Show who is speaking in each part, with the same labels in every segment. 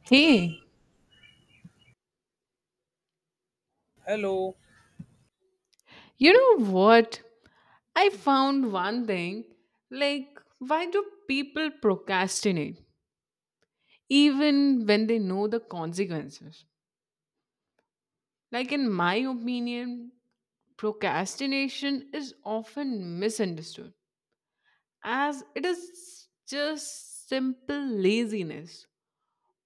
Speaker 1: Hey,
Speaker 2: Hello.
Speaker 1: you know what? I found one thing. Like, why do people procrastinate even when they know the consequences? Like, in my opinion, procrastination is often misunderstood as it is just simple laziness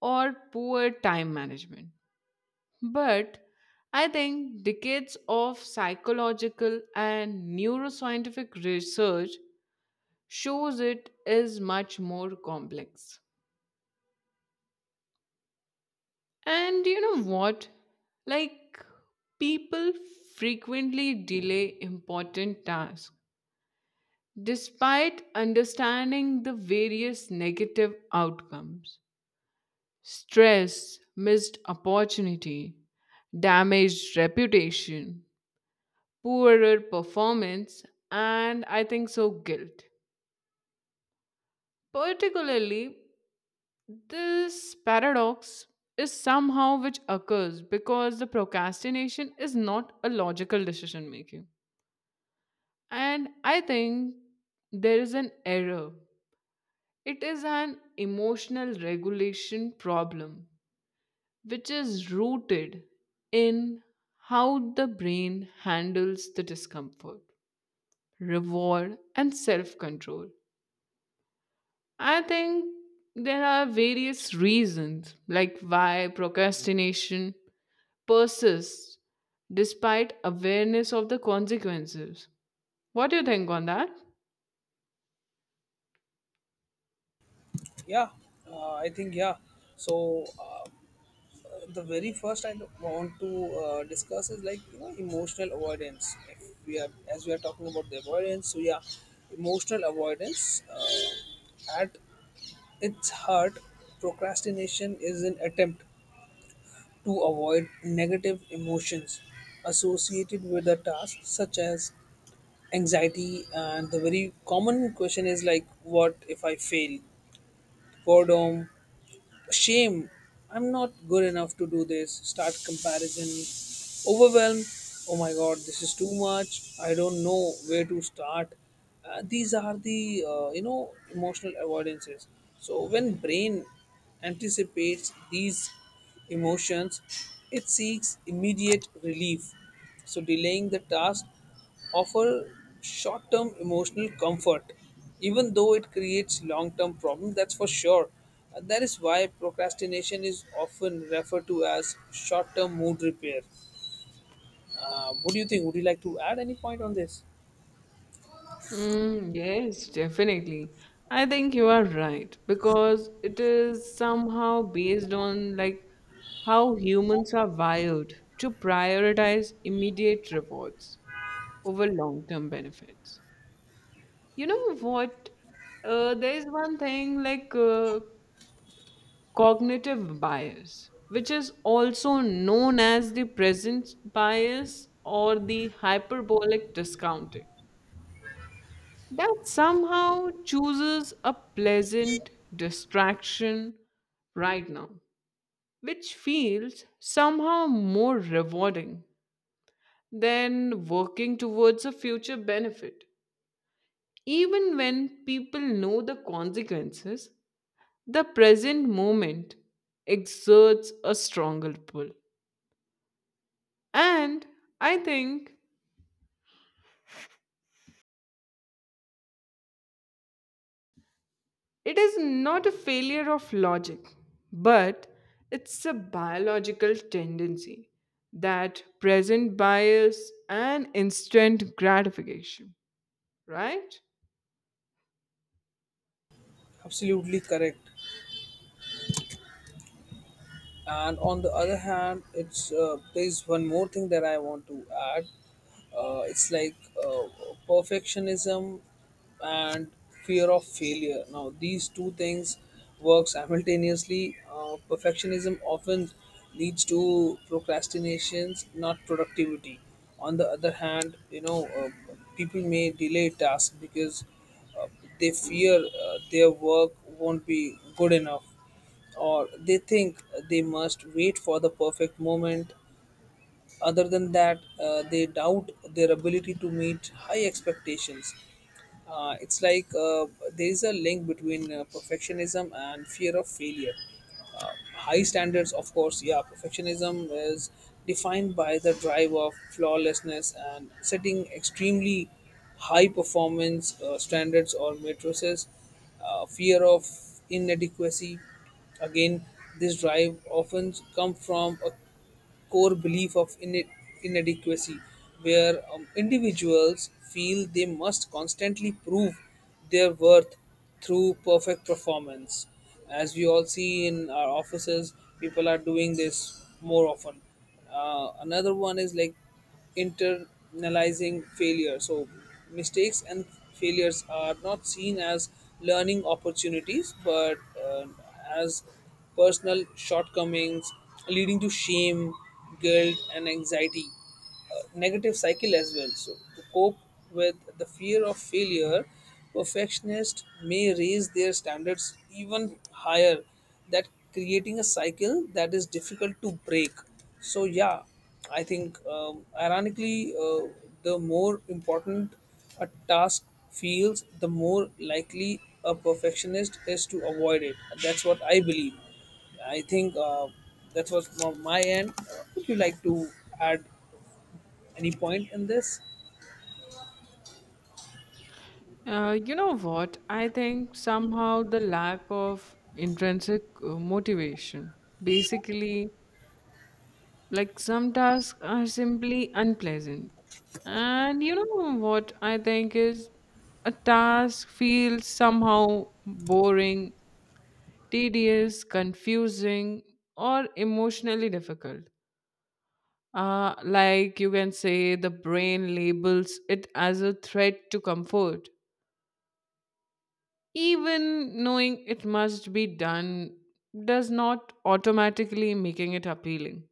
Speaker 1: or poor time management. But I think decades of psychological and neuroscientific research shows it is much more complex. And you know what? Like, people frequently delay important tasks despite understanding the various negative outcomes: stress, missed opportunity, damaged reputation, poorer performance, and I think so, guilt. Particularly, this paradox is somehow which occurs because the procrastination is not a logical decision making. And I think there is an error. It is an emotional regulation problem which is rooted in how the brain handles the discomfort, reward, and self control. I think there are various reasons like why procrastination persists despite awareness of the consequences. What do you think on that?
Speaker 2: Yeah, I think yeah. So the very first I want to discuss is like emotional avoidance. If we are as we are talking about the avoidance, so yeah, emotional avoidance at its heart, procrastination is an attempt to avoid negative emotions associated with a task, such as anxiety. And the very common question is like, what if I fail? Boredom, shame, I'm not good enough to do this, start comparison, overwhelm, oh my god, this is too much, I don't know where to start. These are the emotional avoidances. So when brain anticipates these emotions, it seeks immediate relief. So delaying the task offer short term emotional comfort, even though it creates long term problems, that's for sure. And that is why procrastination is often referred to as short term mood repair. What do you think? Would you like to add any point on this?
Speaker 1: Mm, yes, definitely. I think you are right because it is somehow based on like how humans are wired to prioritize immediate rewards over long-term benefits. You know what? There is one thing like cognitive bias, which is also known as the presence bias or the hyperbolic discounting, that somehow chooses a pleasant distraction right now, which feels somehow more rewarding than working towards a future benefit. Even when people know the consequences, the present moment exerts a stronger pull. And I think it is not a failure of logic, but it's a biological tendency that present bias and instant gratification, right?
Speaker 2: Absolutely correct. And on the other hand it's there's one more thing that I want to add. It's like uh, perfectionism and fear of failure. Now these two things work simultaneously. Perfectionism often leads to procrastinations not productivity. On the other hand, people may delay tasks because uh, they fear their work won't be good enough, or they think they must wait for the perfect moment. Other than that, they doubt their ability to meet high expectations. It's like there is a link between perfectionism and fear of failure. High standards, of course, yeah, perfectionism is defined by the drive of flawlessness and setting extremely high performance standards or matrices, fear of inadequacy. Again, this drive often come from a core belief of inadequacy, where individuals feel they must constantly prove their worth through perfect performance. As we all see in our offices, people are doing this more often. Another one is like internalizing failure. So, mistakes and failures are not seen as learning opportunities but as personal shortcomings, leading to shame, guilt, and anxiety. Negative cycle as well. So, to cope with the fear of failure, perfectionists may raise their standards even higher, that creating a cycle that is difficult to break. So, yeah, I think, ironically, the more important a task feels, the more likely a perfectionist is to avoid it. That's what I believe. I think that was from my end. Would you like to add any point in this?
Speaker 1: You know what? I think somehow the lack of intrinsic motivation. Basically, like some tasks are simply unpleasant. And you know what I think is a task feels somehow boring, tedious, confusing, or emotionally difficult. Like you can say, the brain labels it as a threat to comfort. Even knowing it must be done does not automatically making it appealing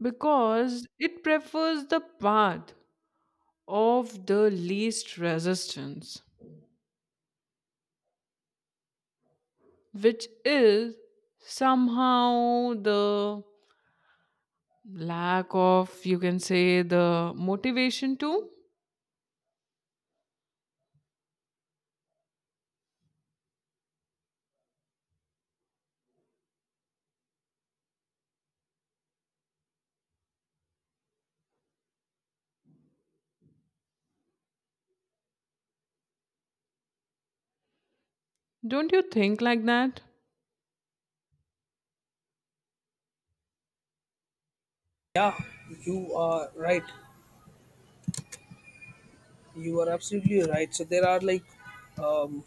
Speaker 1: because it prefers the path of the least resistance, which is somehow the lack of, you can say, the motivation too. Don't you think like that?
Speaker 2: Yeah, you are right. You are absolutely right. So there are like um,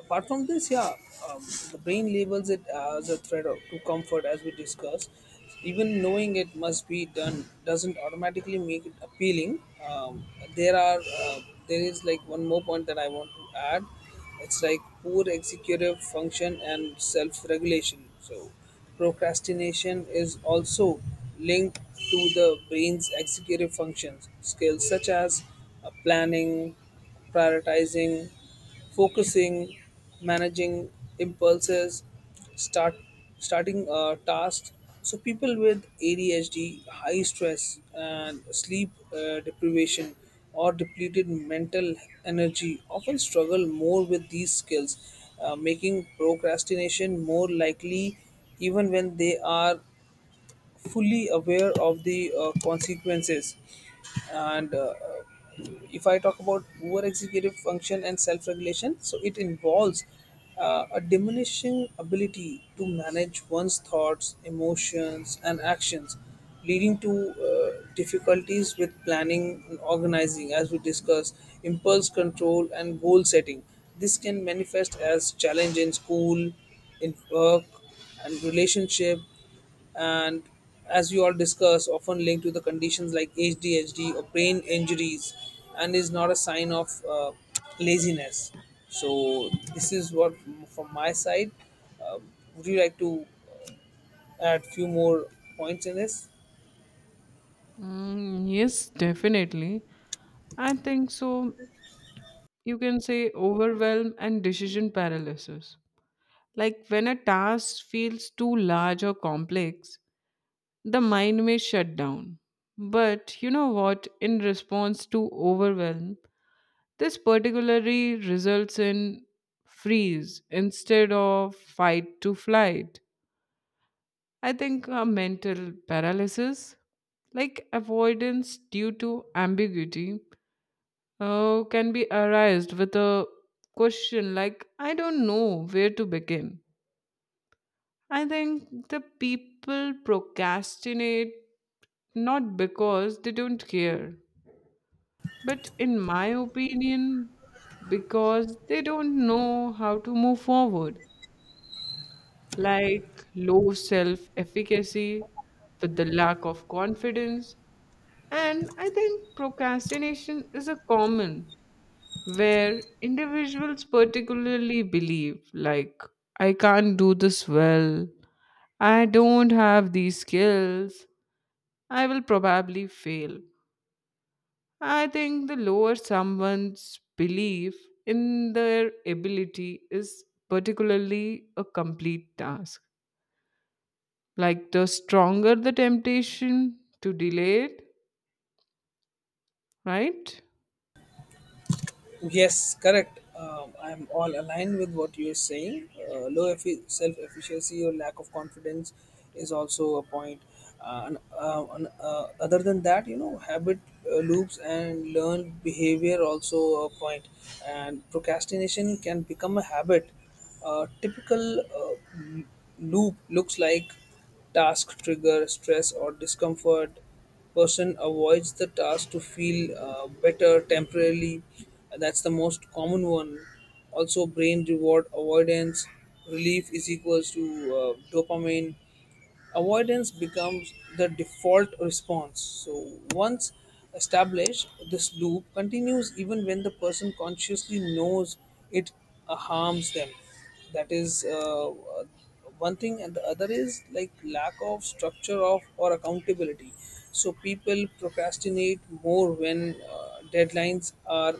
Speaker 2: apart from this, yeah, um, the brain labels it as a threat to comfort, as we discussed. Even knowing it must be done doesn't automatically make it appealing. Um, there are uh, there is like one more point that I want to add. It's like poor executive function and self-regulation. So procrastination is also linked to the brain's executive functions skills such as planning, prioritizing, focusing, managing impulses, start starting tasks. So people with ADHD, high stress, and sleep deprivation or depleted mental energy often struggle more with these skills, making procrastination more likely even when they are fully aware of the consequences. And if I talk about poor executive function and self-regulation, so it involves a diminishing ability to manage one's thoughts, emotions, and actions, leading to difficulties with planning and organizing, as we discussed, impulse control and goal setting. This can manifest as challenge in school, in work, and relationship. And as you all discuss, often linked to the conditions like ADHD or brain injuries, and is not a sign of laziness. So this is what from my side. uh, would you like to add few more points in this?
Speaker 1: Mm, yes, definitely. I think so. You can say overwhelm and decision paralysis. Like when a task feels too large or complex, the mind may shut down. But you know what? In response to overwhelm, this particularly results in freeze instead of fight to flight. I think a mental paralysis, like avoidance due to ambiguity, can be arised with a question like, I don't know where to begin. I think the people procrastinate not because they don't care, but in my opinion, because they don't know how to move forward, like low self efficacy with the lack of confidence. And I think procrastination is a common where individuals particularly believe, like, I can't do this well, I don't have these skills, I will probably fail. I think the lower someone's belief in their ability is particularly a complete task. Like the stronger the temptation to delay it, right?
Speaker 2: Yes, correct. I'm all aligned with what you're saying. Low self efficiency or lack of confidence is also a point. And other than that, habit loops and learned behavior also a point. And procrastination can become a habit. A typical loop looks like task trigger, stress, or discomfort. Person avoids the task to feel better temporarily. That's the most common one. Also brain reward avoidance, relief is equals to dopamine, avoidance becomes the default response. So once established, this loop continues even when the person consciously knows it harms them. That is one thing. And the other is like lack of structure of or accountability. So people procrastinate more when deadlines are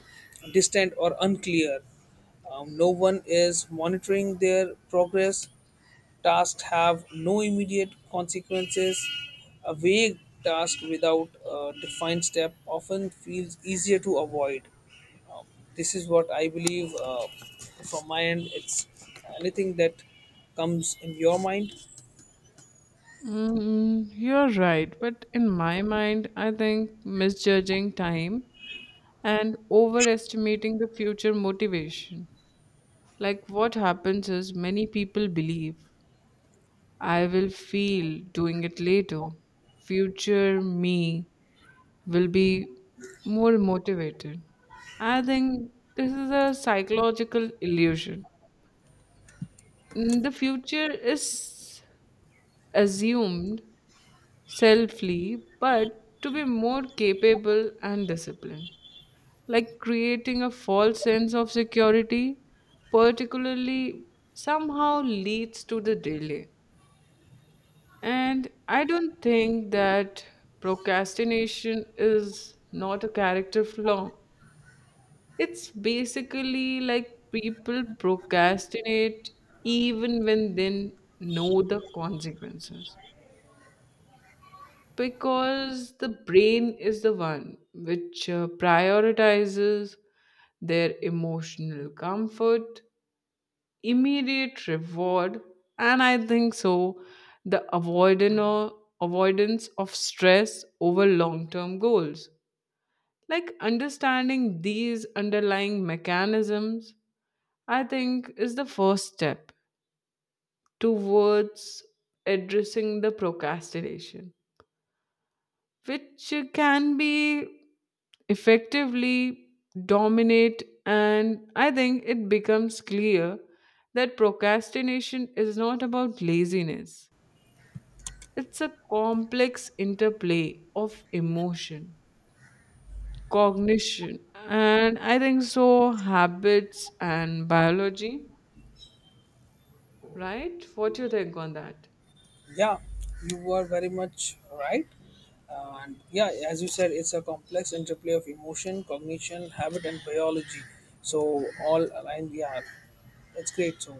Speaker 2: distant or unclear, no one is monitoring their progress, tasks have no immediate consequences. A vague task without a defined step often feels easier to avoid. This is what I believe, from my end. It's anything that comes in your mind.
Speaker 1: Mm, you're right. But in my mind, I think misjudging time and overestimating the future motivation. Like what happens is many people believe I will feel doing it later. Future me will be more motivated. I think this is a psychological illusion. Mm, the future is assumed selfly, but to be more capable and disciplined, like creating a false sense of security, particularly somehow leads to the delay. And I don't think that procrastination is not a character flaw. It's basically like people procrastinate even when they know the consequences because the brain is the one which prioritizes their emotional comfort, immediate reward, and I think so the avoidant avoidance of stress over long term goals. Like understanding these underlying mechanisms I think is the first step towards addressing the procrastination, which can be effectively dominate. And I think it becomes clear that procrastination is not about laziness. It's a complex interplay of emotion, cognition, and I think so habits and biology, right? What do you think on that?
Speaker 2: Yeah, you are very much right. And yeah, as you said, it's a complex interplay of emotion, cognition, habit, and biology. So all aligned. Yeah, it's great. So